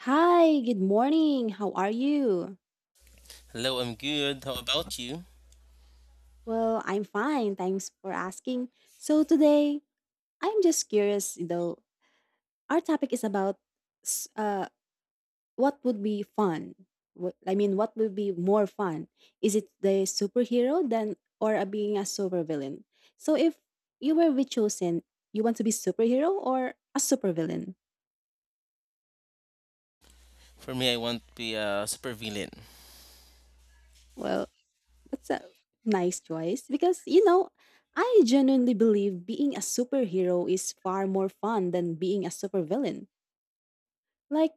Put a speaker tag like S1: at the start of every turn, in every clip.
S1: Hi, good morning. How are you?
S2: Hello, I'm good. How about you?
S1: Well, I'm fine. Thanks for asking. So today, I'm just curious though. Our topic is about s- uh what would be fun? What would be more fun? Is it the superhero than or a being a supervillain? So if you were be chosen, you want to be superhero or a supervillain?
S2: For me, I want to be a supervillain.
S1: Well, that's a nice choice because, you know, I genuinely believe being a superhero is far more fun than being a supervillain. Like,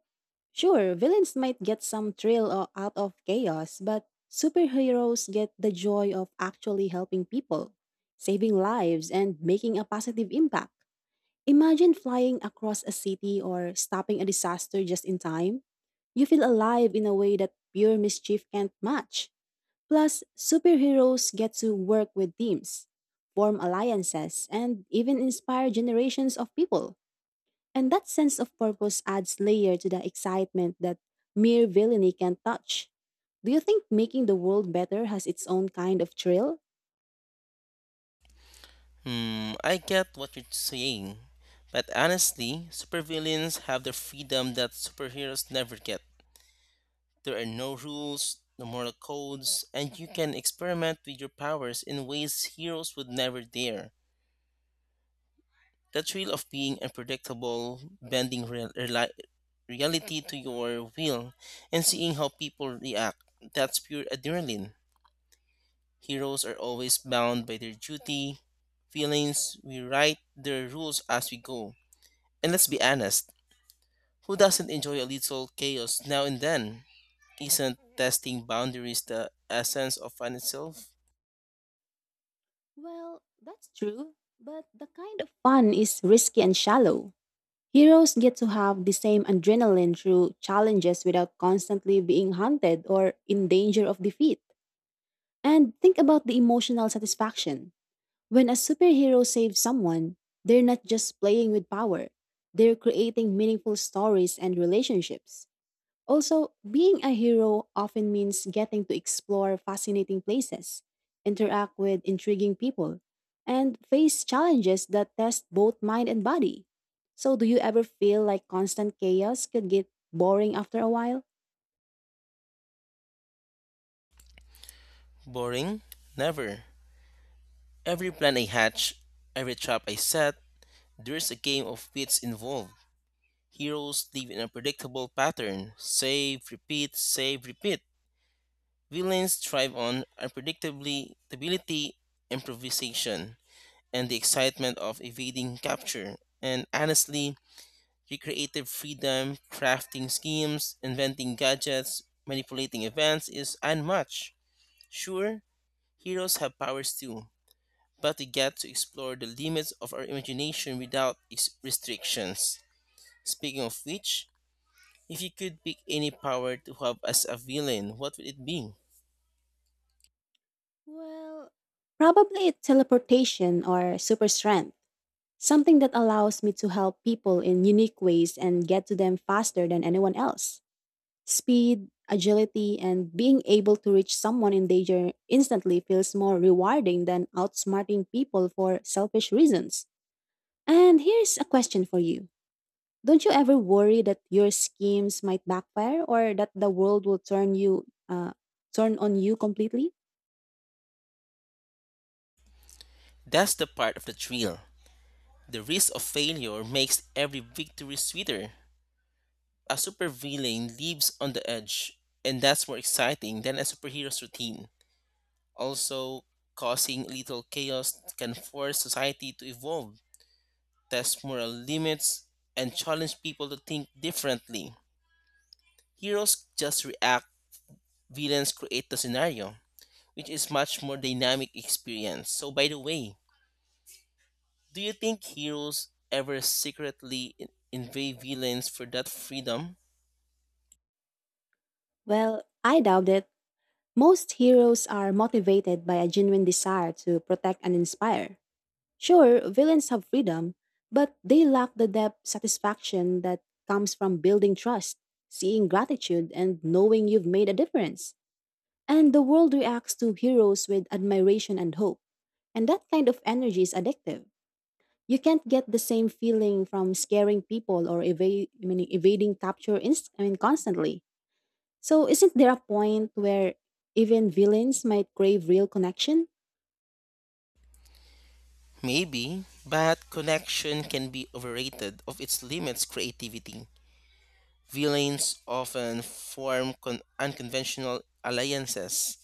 S1: sure, villains might get some thrill out of chaos, but superheroes get the joy of actually helping people, saving lives, and making a positive impact. Imagine flying across a city or stopping a disaster just in time. You feel alive in a way that pure mischief can't match. Plus, superheroes get to work with teams, form alliances, and even inspire generations of people. And that sense of purpose adds layer to the excitement that mere villainy can't touch. Do you think making the world better has its own kind of thrill?
S2: Hmm, I get what you're saying. But honestly, supervillains have the freedom that superheroes never get. There are no rules, no moral codes, and you can experiment with your powers in ways heroes would never dare. The thrill of being unpredictable, bending reality to your will, and seeing how people react, that's pure adrenaline. Heroes are always bound by their duty, feelings. We write their rules as we go. And let's be honest, who doesn't enjoy a little chaos now and then? Isn't testing boundaries the essence of fun itself?
S1: Well, that's true, but the kind of fun is risky and shallow. Heroes get to have the same adrenaline through challenges without constantly being hunted or in danger of defeat. And think about the emotional satisfaction. When a superhero saves someone, they're not just playing with power, they're creating meaningful stories and relationships. Also, being a hero often means getting to explore fascinating places, interact with intriguing people, and face challenges that test both mind and body. So, do you ever feel like constant chaos could get boring after a while?
S2: Boring? Never. Every plan I hatch, every trap I set, there's a game of wits involved. Heroes live in a predictable pattern, save, repeat, save, repeat. Villains thrive on unpredictability, improvisation, and the excitement of evading capture, and honestly, your creative freedom, crafting schemes, inventing gadgets, manipulating events is unmatched. Sure, heroes have powers too, but we get to explore the limits of our imagination without restrictions. Speaking of which, if you could pick any power to have as a villain, what would it be?
S1: Well, probably teleportation or super strength. Something that allows me to help people in unique ways and get to them faster than anyone else. Speed, agility, and being able to reach someone in danger instantly feels more rewarding than outsmarting people for selfish reasons. And here's a question for you. Don't you ever worry that your schemes might backfire or that the world will turn you turn on you completely?
S2: That's the part of the thrill. The risk of failure makes every victory sweeter. A supervillain lives on the edge, and that's more exciting than a superhero's routine. Also, causing little chaos can force society to evolve, test moral limits, and challenge people to think differently. Heroes just react, villains create the scenario, which is much more dynamic experience. So, by the way, do you think heroes ever secretly invade villains for that freedom?
S1: Well, I doubt it. Most heroes are motivated by a genuine desire to protect and inspire. Sure, villains have freedom, but they lack the depth satisfaction that comes from building trust, seeing gratitude, and knowing you've made a difference. And the world reacts to heroes with admiration and hope, and that kind of energy is addictive. You can't get the same feeling from scaring people or evading capture constantly. So, isn't there a point where even villains might crave real connection?
S2: Maybe, but connection can be overrated of its limits creativity. Villains often form unconventional alliances,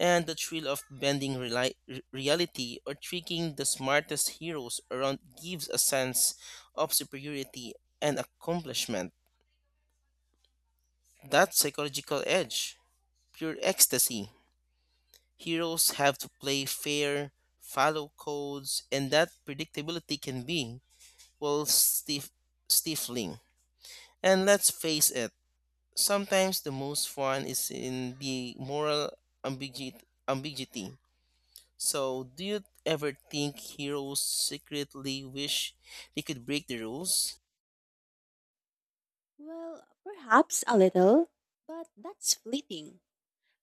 S2: and the thrill of bending reality or tricking the smartest heroes around gives a sense of superiority and accomplishment. That psychological edge, pure ecstasy. Heroes have to play fair, follow codes, and that predictability can be equals stif- stifling. And let's face it, sometimes the most fun is in the moral ambiguity. So, do you ever think heroes secretly wish they could break the rules?
S1: Well, perhaps a little, but that's fleeting.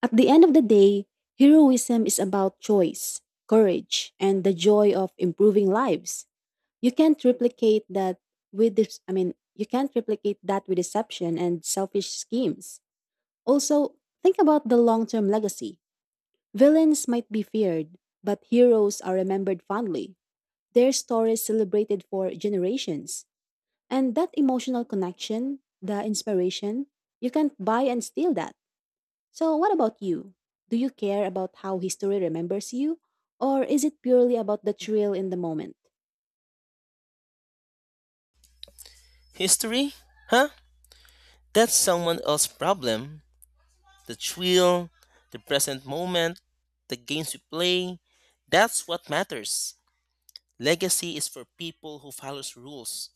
S1: At the end of the day, heroism is about choice, courage, and the joy of improving lives. You can't replicate that with this, I mean, you can't replicate that with deception and selfish schemes. Also, think about the long term legacy. Villains might be feared, but heroes are remembered fondly, their stories celebrated for generations. And that emotional connection, the inspiration, you can't buy and steal that. So, what about you? Do you care about how history remembers you, or is it purely about the thrill in the moment?
S2: History? Huh? That's someone else's problem. The thrill, the present moment, the games we play, that's what matters. Legacy is for people who follows rules.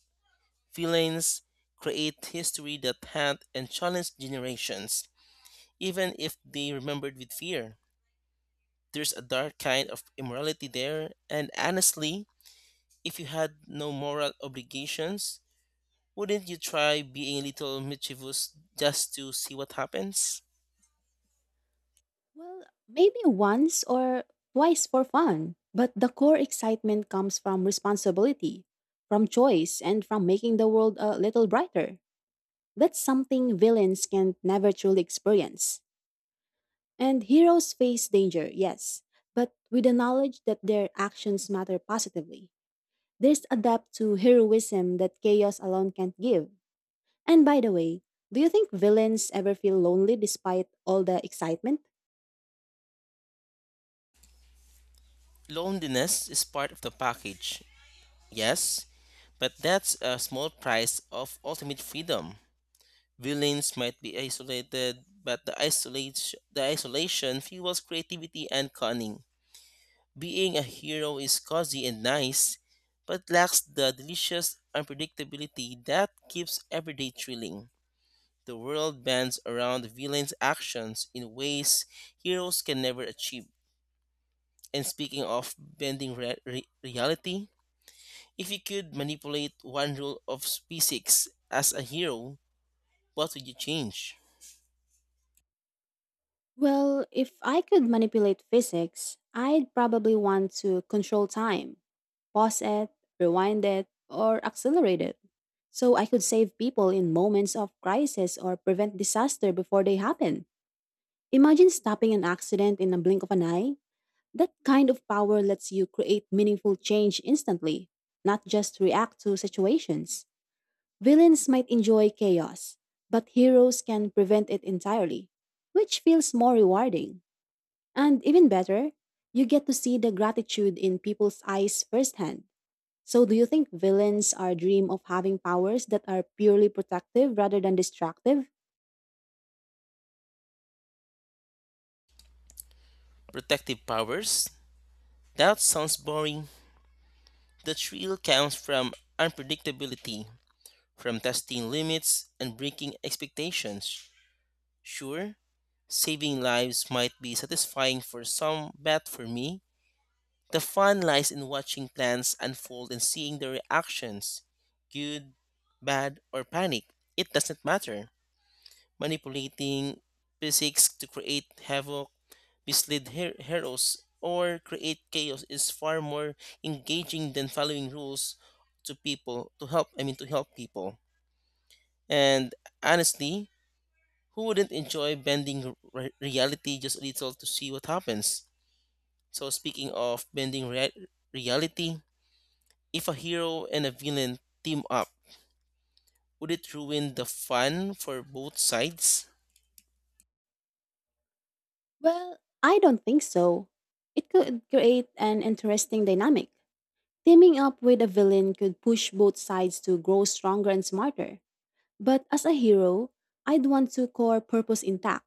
S2: Feelings create history that haunt and challenge generations, even if they remembered with fear. There's a dark kind of immorality there, and honestly, if you had no moral obligations, wouldn't you try being a little mischievous just to see what happens?
S1: Well, maybe once or twice for fun, but the core excitement comes from responsibility, from choice, and from making the world a little brighter. That's something villains can never truly experience. And heroes face danger, yes, but with the knowledge that their actions matter positively. There's a depth to heroism that chaos alone can't give. And by the way, do you think villains ever feel lonely despite all the excitement?
S2: Loneliness is part of the package, yes, but that's a small price of ultimate freedom. Villains might be isolated, but the isolation fuels creativity and cunning. Being a hero is cozy and nice, but lacks the delicious unpredictability that keeps everyday thrilling. The world bends around villains' actions in ways heroes can never achieve. And speaking of bending reality, if you could manipulate one rule of physics as a hero, what would you change?
S1: Well, if I could manipulate physics, I'd probably want to control time, pause it, rewind it, or accelerate it. So I could save people in moments of crisis or prevent disaster before they happen. Imagine stopping an accident in a blink of an eye. That kind of power lets you create meaningful change instantly, not just react to situations. Villains might enjoy chaos, but heroes can prevent it entirely, which feels more rewarding. And even better, you get to see the gratitude in people's eyes firsthand. So, do you think villains are dream of having powers that are purely protective rather than destructive?
S2: Protective powers, that sounds boring. The thrill comes from unpredictability, from testing limits and breaking expectations. Sure, saving lives might be satisfying for some, but for me, the fun lies in watching plans unfold and seeing their reactions, good, bad, or panic. It doesn't matter. Manipulating physics to create havoc, mislead heroes, or create chaos is far more engaging than following rules to people to help. I mean, to help people. And honestly, who wouldn't enjoy bending reality just a little to see what happens? So, speaking of bending reality, if a hero and a villain team up, would it ruin the fun for both sides?
S1: Well, I don't think so. It could create an interesting dynamic. Teaming up with a villain could push both sides to grow stronger and smarter. But as a hero, I'd want to core purpose intact,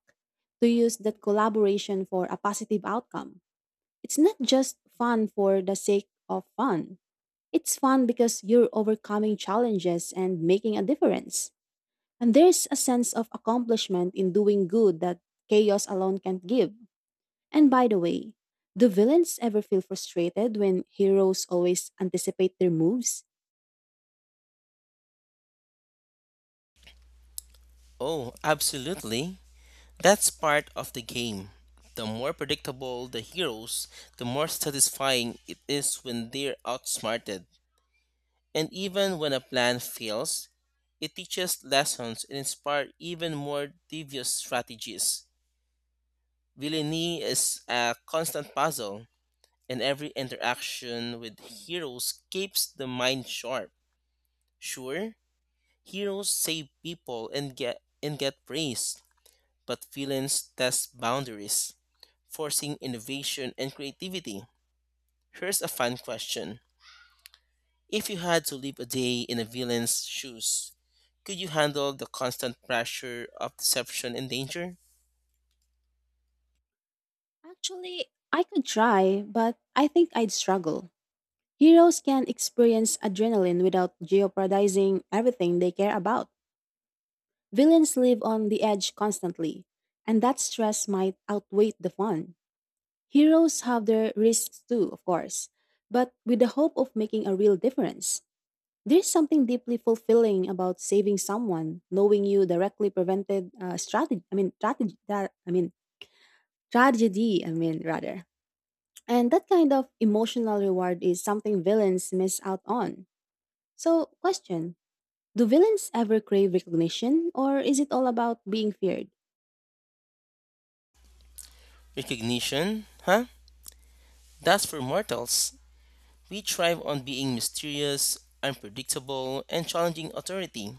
S1: to use that collaboration for a positive outcome. It's not just fun for the sake of fun. It's fun because you're overcoming challenges and making a difference. And there's a sense of accomplishment in doing good that chaos alone can't give. And by the way, do villains ever feel frustrated when heroes always anticipate their moves?
S2: Oh, absolutely. That's part of the game. The more predictable the heroes, the more satisfying it is when they're outsmarted. And even when a plan fails, it teaches lessons and inspires even more devious strategies. Villainy is a constant puzzle, and every interaction with heroes keeps the mind sharp. Sure, heroes save people and get praise, but villains test boundaries, forcing innovation and creativity. Here's a fun question. If you had to live a day in a villain's shoes, could you handle the constant pressure of deception and danger?
S1: Actually, I could try, but I think I'd struggle. Heroes can experience adrenaline without jeopardizing everything they care about. Villains live on the edge constantly, and that stress might outweigh the fun. Heroes have their risks too, of course, but with the hope of making a real difference. There's something deeply fulfilling about saving someone, knowing you directly prevented strategy. I mean, strategy. That, I mean, tragedy. Rather. And that kind of emotional reward is something villains miss out on. So, question. Do villains ever crave recognition, or is it all about being feared?
S2: Recognition? Huh? That's for mortals. We thrive on being mysterious, unpredictable, and challenging authority.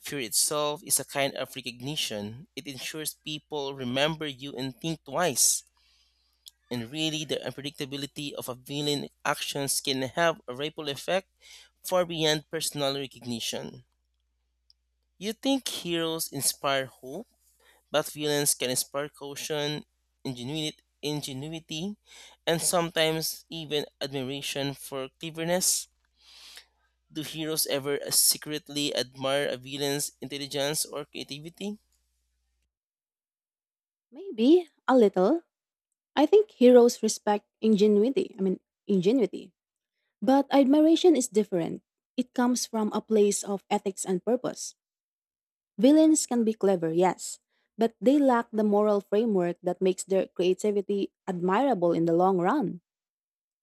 S2: Fear itself is a kind of recognition. It ensures people remember you and think twice. And really, the unpredictability of a villain's actions can have a ripple effect far beyond personal recognition. You think heroes inspire hope, but villains can inspire caution, ingenuity, and sometimes even admiration for cleverness. Do heroes ever secretly admire a villain's intelligence or creativity?
S1: Maybe a little. I think heroes respect ingenuity. But admiration is different. It comes from a place of ethics and purpose. Villains can be clever, yes, but they lack the moral framework that makes their creativity admirable in the long run.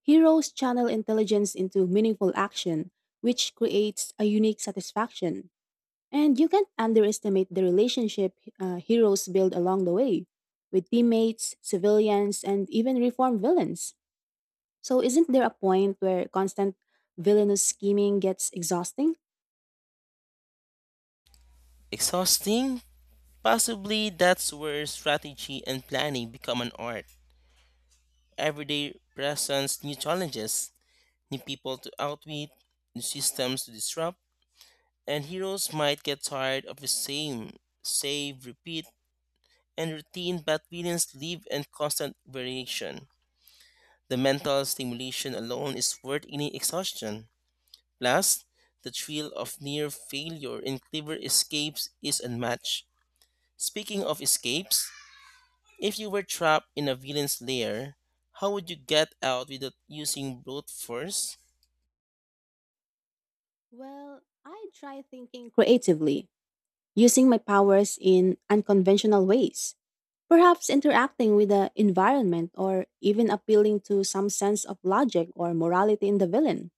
S1: Heroes channel intelligence into meaningful action, which creates a unique satisfaction. And you can't underestimate the relationship heroes build along the way with teammates, civilians, and even reformed villains. So, isn't there a point where constant villainous scheming gets exhausting?
S2: Exhausting? Possibly, that's where strategy and planning become an art. Everyday presents new challenges, new people to outwit, new systems to disrupt, and heroes might get tired of the same save, repeat, and routine, but villains live in constant variation. The mental stimulation alone is worth any exhaustion. Plus, the thrill of near failure in clever escapes is unmatched. Speaking of escapes, if you were trapped in a villain's lair, how would you get out without using brute force?
S1: Well, I try thinking creatively, using my powers in unconventional ways. Perhaps interacting with the environment or even appealing to some sense of logic or morality in the villain.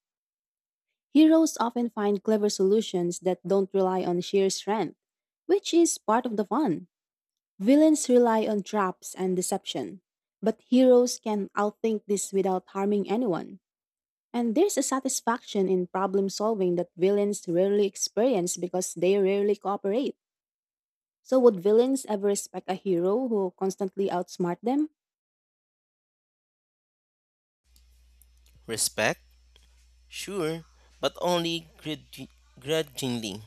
S1: Heroes often find clever solutions that don't rely on sheer strength, which is part of the fun. Villains rely on traps and deception, but heroes can outthink this without harming anyone. And there's a satisfaction in problem solving that villains rarely experience because they rarely cooperate. So, would villains ever respect a hero who constantly outsmart them?
S2: Respect? Sure, but only grudgingly.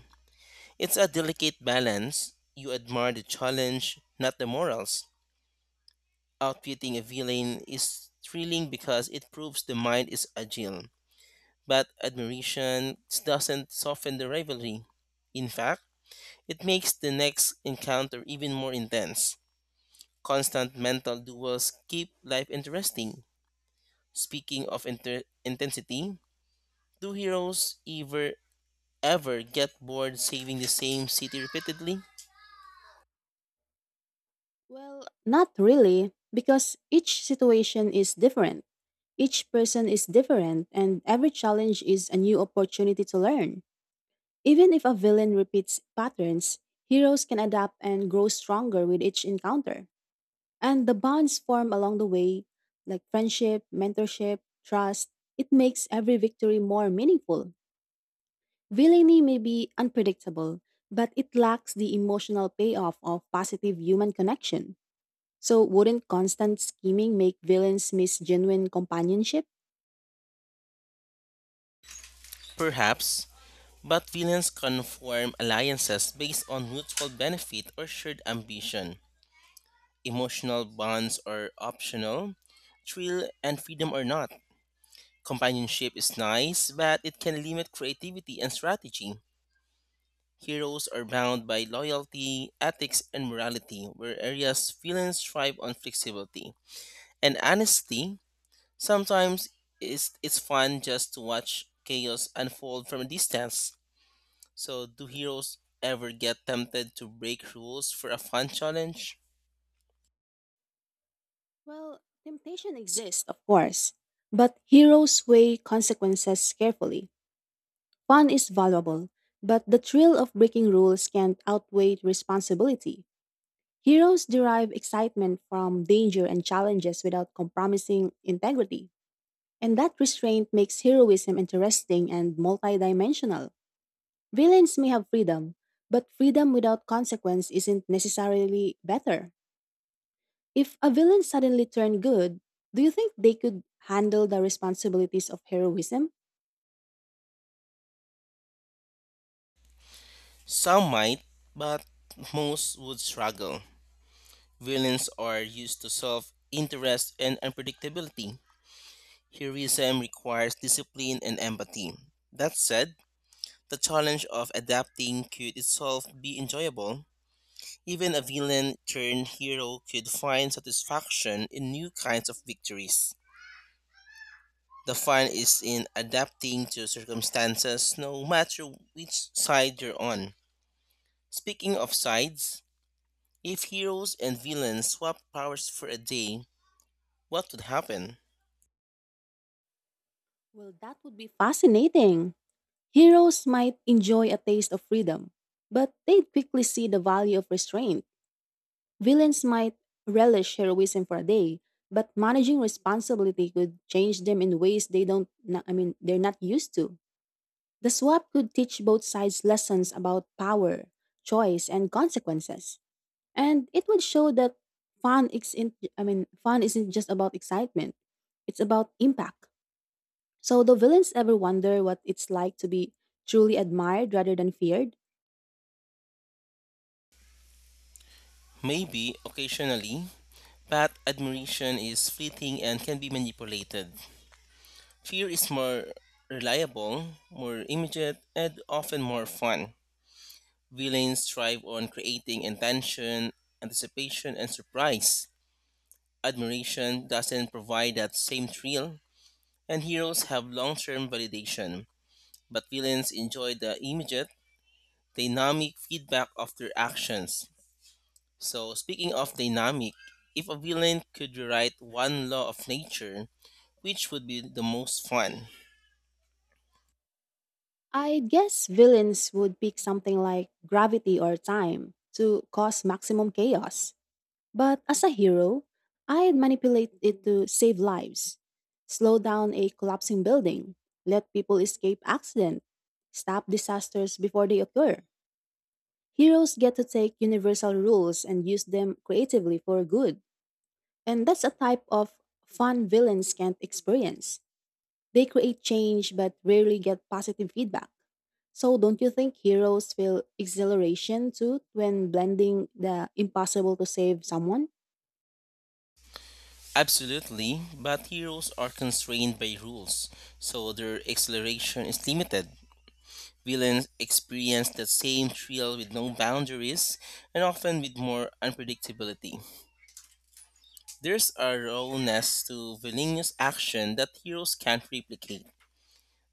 S2: It's a delicate balance. You admire the challenge, not the morals. Outwitting a villain is thrilling because it proves the mind is agile, but admiration doesn't soften the rivalry. In fact, it makes the next encounter even more intense. Constant mental duels keep life interesting. Speaking of intensity, do heroes ever get bored saving the same city repeatedly?
S1: Well, not really, because each situation is different. Each person is different, and every challenge is a new opportunity to learn. Even if a villain repeats patterns, heroes can adapt and grow stronger with each encounter. And the bonds formed along the way, like friendship, mentorship, trust, it makes every victory more meaningful. Villainy may be unpredictable, but it lacks the emotional payoff of positive human connection. So, wouldn't constant scheming make villains miss genuine companionship?
S2: Perhaps, but villains can form alliances based on mutual benefit or shared ambition. Emotional bonds are optional, thrill and freedom are not. Companionship is nice, but it can limit creativity and strategy. Heroes are bound by loyalty, ethics, and morality, where areas villains thrive on flexibility. And honesty, sometimes it's fun just to watch chaos unfold from a distance. So, do heroes ever get tempted to break rules for a fun challenge?
S1: Well, temptation exists, of course, but heroes weigh consequences carefully. Fun is valuable, but the thrill of breaking rules can't outweigh responsibility. Heroes derive excitement from danger and challenges without compromising integrity, and that restraint makes heroism interesting and multidimensional. Villains may have freedom, but freedom without consequence isn't necessarily better. If a villain suddenly turned good, do you think they could handle the responsibilities of heroism?
S2: Some might, but most would struggle. Villains are used to self interest and unpredictability. Heroism requires discipline and empathy. That said, the challenge of adapting could itself be enjoyable. Even a villain turned hero could find satisfaction in new kinds of victories. The fun is in adapting to circumstances no matter which side you're on. Speaking of sides, if heroes and villains swapped powers for a day, what would happen?
S1: Well, that would be fascinating. Heroes might enjoy a taste of freedom, but they'd quickly see the value of restraint. Villains might relish heroism for a day, but managing responsibility could change them in ways they don't, na- I mean, they're not used to. The swap could teach both sides lessons about power, choice, and consequences. And it would show that fun isn't just about excitement. It's about impact. So the villains ever wonder what it's like to be truly admired rather than feared?
S2: Maybe occasionally, but admiration is fleeting and can be manipulated. Fear is more reliable, more immediate, and often more fun. Villains thrive on creating intention, anticipation, and surprise. Admiration doesn't provide that same thrill, and heroes have long term validation. But villains enjoy the immediate, dynamic feedback of their actions. So, speaking of dynamic, if a villain could rewrite one law of nature, which would be the most fun?
S1: I guess villains would pick something like gravity or time to cause maximum chaos. But as a hero, I'd manipulate it to save lives, slow down a collapsing building, let people escape accident, stop disasters before they occur. Heroes get to take universal rules and use them creatively for good. And that's a type of fun villains can't experience. They create change but rarely get positive feedback. So don't you think heroes feel exhilaration too when blending the impossible to save someone?
S2: Absolutely, but heroes are constrained by rules, so their acceleration is limited. Villains experience the same thrill with no boundaries and often with more unpredictability. There's a rawness to villainous action that heroes can't replicate.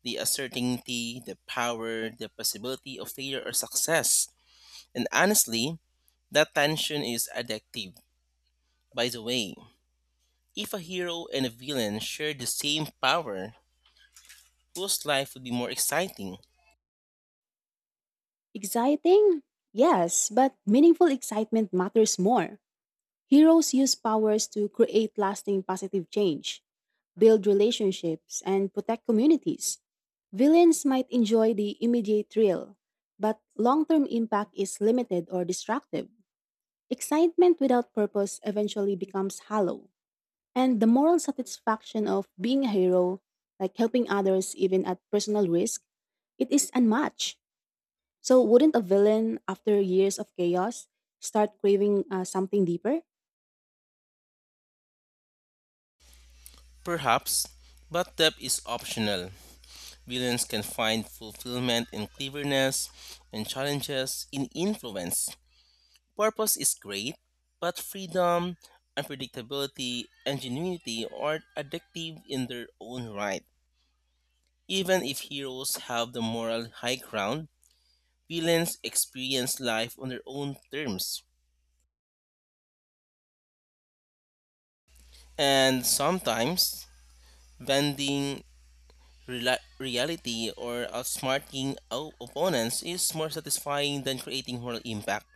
S2: The uncertainty, the power, the possibility of failure or success. And honestly, that tension is addictive. By the way, if a hero and a villain shared the same power, whose life would be more exciting?
S1: Exciting? Yes, but meaningful excitement matters more. Heroes use powers to create lasting positive change, build relationships, and protect communities. Villains might enjoy the immediate thrill, but long term impact is limited or destructive. Excitement without purpose eventually becomes hollow, and the moral satisfaction of being a hero, like helping others even at personal risk, it is unmatched. So, wouldn't a villain, after years of chaos, start craving something deeper?
S2: Perhaps, but depth is optional. Villains can find fulfillment in cleverness and challenges in influence. Purpose is great, but freedom, unpredictability, and genuinity are addictive in their own right. Even if heroes have the moral high ground, villains experience life on their own terms. And sometimes, bending Rela reality or outsmarting opponents is more satisfying than creating moral impact.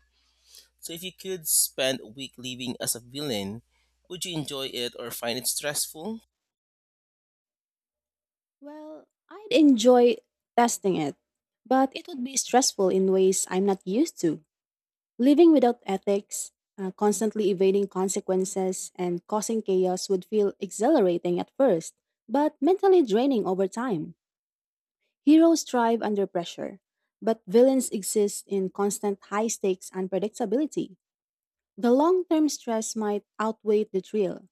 S2: So, if you could spend a week living as a villain, would you enjoy it or find it stressful?
S1: Well, I'd enjoy testing it, but it would be stressful in ways I'm not used to. Living without ethics, constantly evading consequences, and causing chaos would feel exhilarating at first, but mentally draining over time. Heroes thrive under pressure, but villains exist in constant high stakes unpredictability. The long term stress might outweigh the thrill.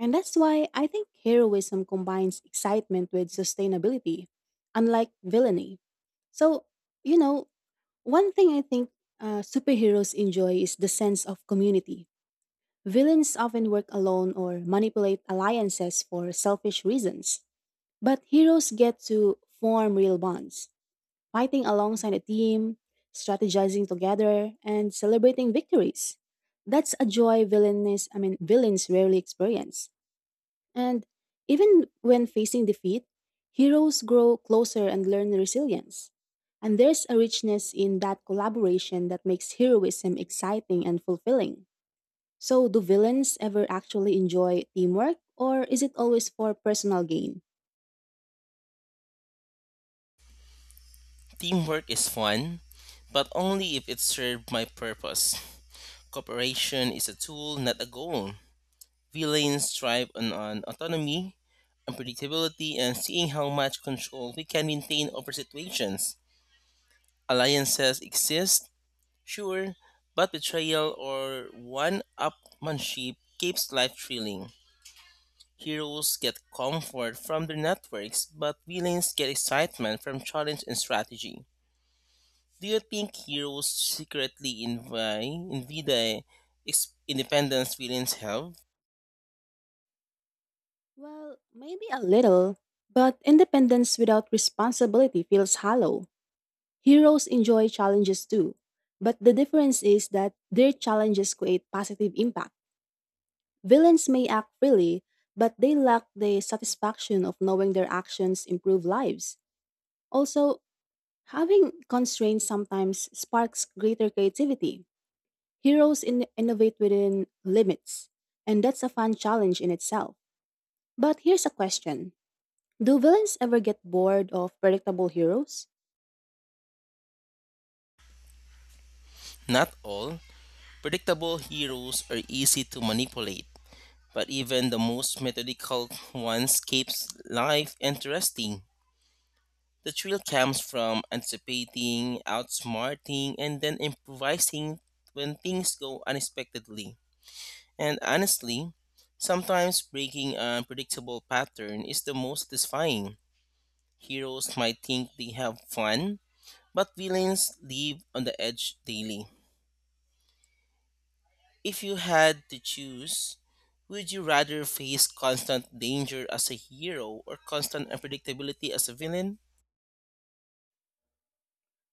S1: And that's why I think heroism combines excitement with sustainability, unlike villainy. So, you know, one thing I think superheroes enjoy is the sense of community. Villains often work alone or manipulate alliances for selfish reasons. But heroes get to form real bonds, fighting alongside a team, strategizing together, and celebrating victories. That's a joy villains rarely experience. And even when facing defeat, heroes grow closer and learn resilience. And there's a richness in that collaboration that makes heroism exciting and fulfilling. So, do villains ever actually enjoy teamwork, or is it always for personal gain?
S2: Teamwork is fun, but only if it served my purpose. Cooperation is a tool, not a goal. Villains thrive on autonomy, unpredictability, and seeing how much control we can maintain over situations. Alliances exist. Sure, but betrayal or one upmanship keeps life thrilling. Heroes get comfort from their networks, but villains get excitement from challenge and strategy. Do you think heroes secretly envy the independence villains have?
S1: Well, maybe a little, but independence without responsibility feels hollow. Heroes enjoy challenges too, but the difference is that their challenges create positive impact. Villains may act freely, but they lack the satisfaction of knowing their actions improve lives. Also, having constraints sometimes sparks greater creativity. Heroes innovate within limits, and that's a fun challenge in itself. But here's a question. Do villains ever get bored of predictable heroes?
S2: Not all. Predictable heroes are easy to manipulate, but even the most methodical ones keeps life interesting. The thrill comes from anticipating, outsmarting, and then improvising when things go unexpectedly. And honestly, sometimes breaking an unpredictable pattern is the most satisfying. Heroes might think they have fun, but villains live on the edge daily. If you had to choose, would you rather face constant danger as a hero or constant unpredictability as a villain?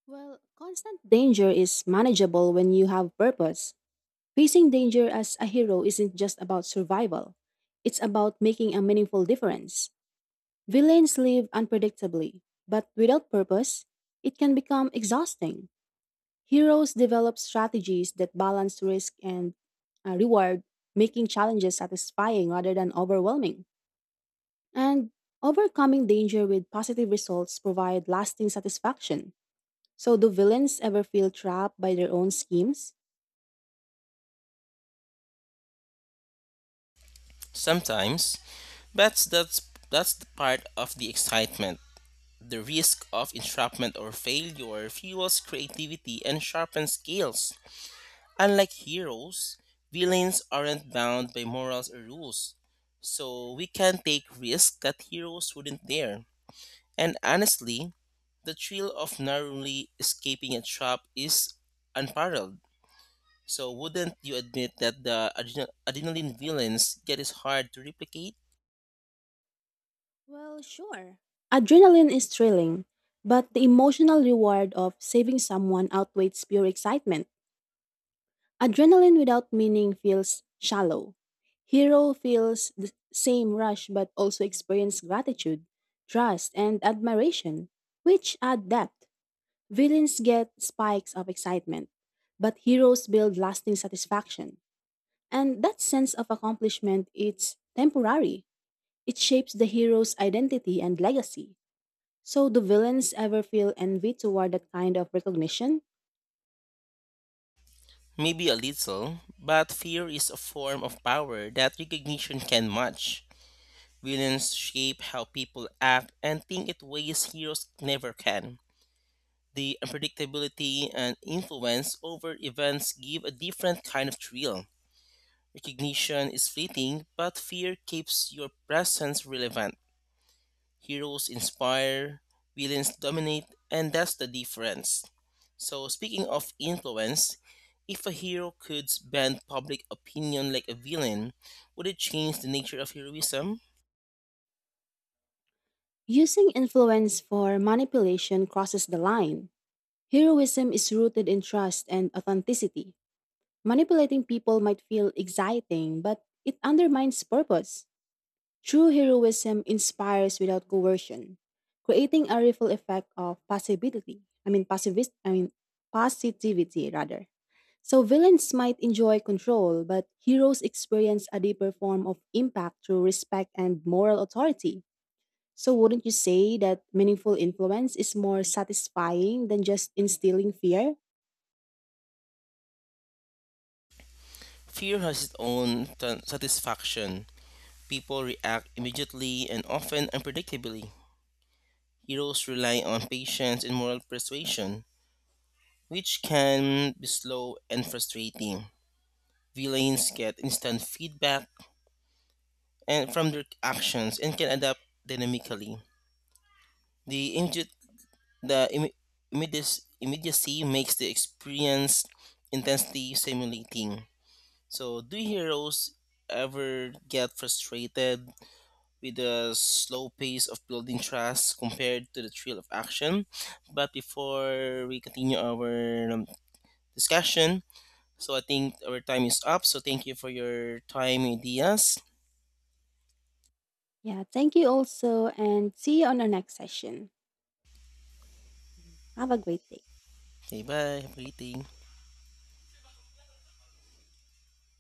S1: Well, constant danger is manageable when you have purpose. Facing danger as a hero isn't just about survival, it's about making a meaningful difference. Villains live unpredictably, but without purpose, it can become exhausting. Heroes develop strategies that balance risk and reward, making challenges satisfying rather than overwhelming. And overcoming danger with positive results provide lasting satisfaction. So, do villains ever feel trapped by their own schemes?
S2: Sometimes, that's the part of the excitement. The risk of entrapment or failure fuels creativity and sharpens skills. Unlike heroes, villains aren't bound by morals or rules, so we can take risks that heroes wouldn't dare. And honestly, the thrill of narrowly escaping a trap is unparalleled. So, wouldn't you admit that the adrenaline villains get is hard to replicate?
S1: Well, sure. Adrenaline is thrilling, but the emotional reward of saving someone outweighs pure excitement. Adrenaline without meaning feels shallow. Hero feels the same rush but also experience gratitude, trust, and admiration, which add depth. Villains get spikes of excitement, but heroes build lasting satisfaction. And that sense of accomplishment it's temporary. It shapes the hero's identity and legacy. So do villains ever feel envy toward that kind of recognition?
S2: Maybe a little, but fear is a form of power that recognition can match. Villains shape how people act and think in ways heroes never can. The unpredictability and influence over events give a different kind of thrill. Recognition is fleeting, but fear keeps your presence relevant. Heroes inspire, villains dominate, and that's the difference. So, speaking of influence, if a hero could bend public opinion like a villain, would it change the nature of heroism?
S1: Using influence for manipulation crosses the line. Heroism is rooted in trust and authenticity. Manipulating people might feel exciting, but it undermines purpose. True heroism inspires without coercion, creating a ripple effect of possibility. I mean, passivist. I mean, positivity rather. So villains might enjoy control, but heroes experience a deeper form of impact through respect and moral authority. So wouldn't you say that meaningful influence is more satisfying than just instilling fear?
S2: Fear has its own satisfaction. People react immediately and often unpredictably. Heroes rely on patience and moral persuasion, which can be slow and frustrating. Villains get instant feedback and from their actions and can adapt dynamically. The immediate the imme- immediacy, immediacy makes the experience intensely stimulating. So, do heroes ever get frustrated with the slow pace of building trust compared to the thrill of action? But before we continue our discussion, so I think our time is up. So, thank you for your time, ideas.
S1: Yeah, thank you also, and see you on our next session. Yeah. Have a great day.
S2: Okay, bye. Have a great day.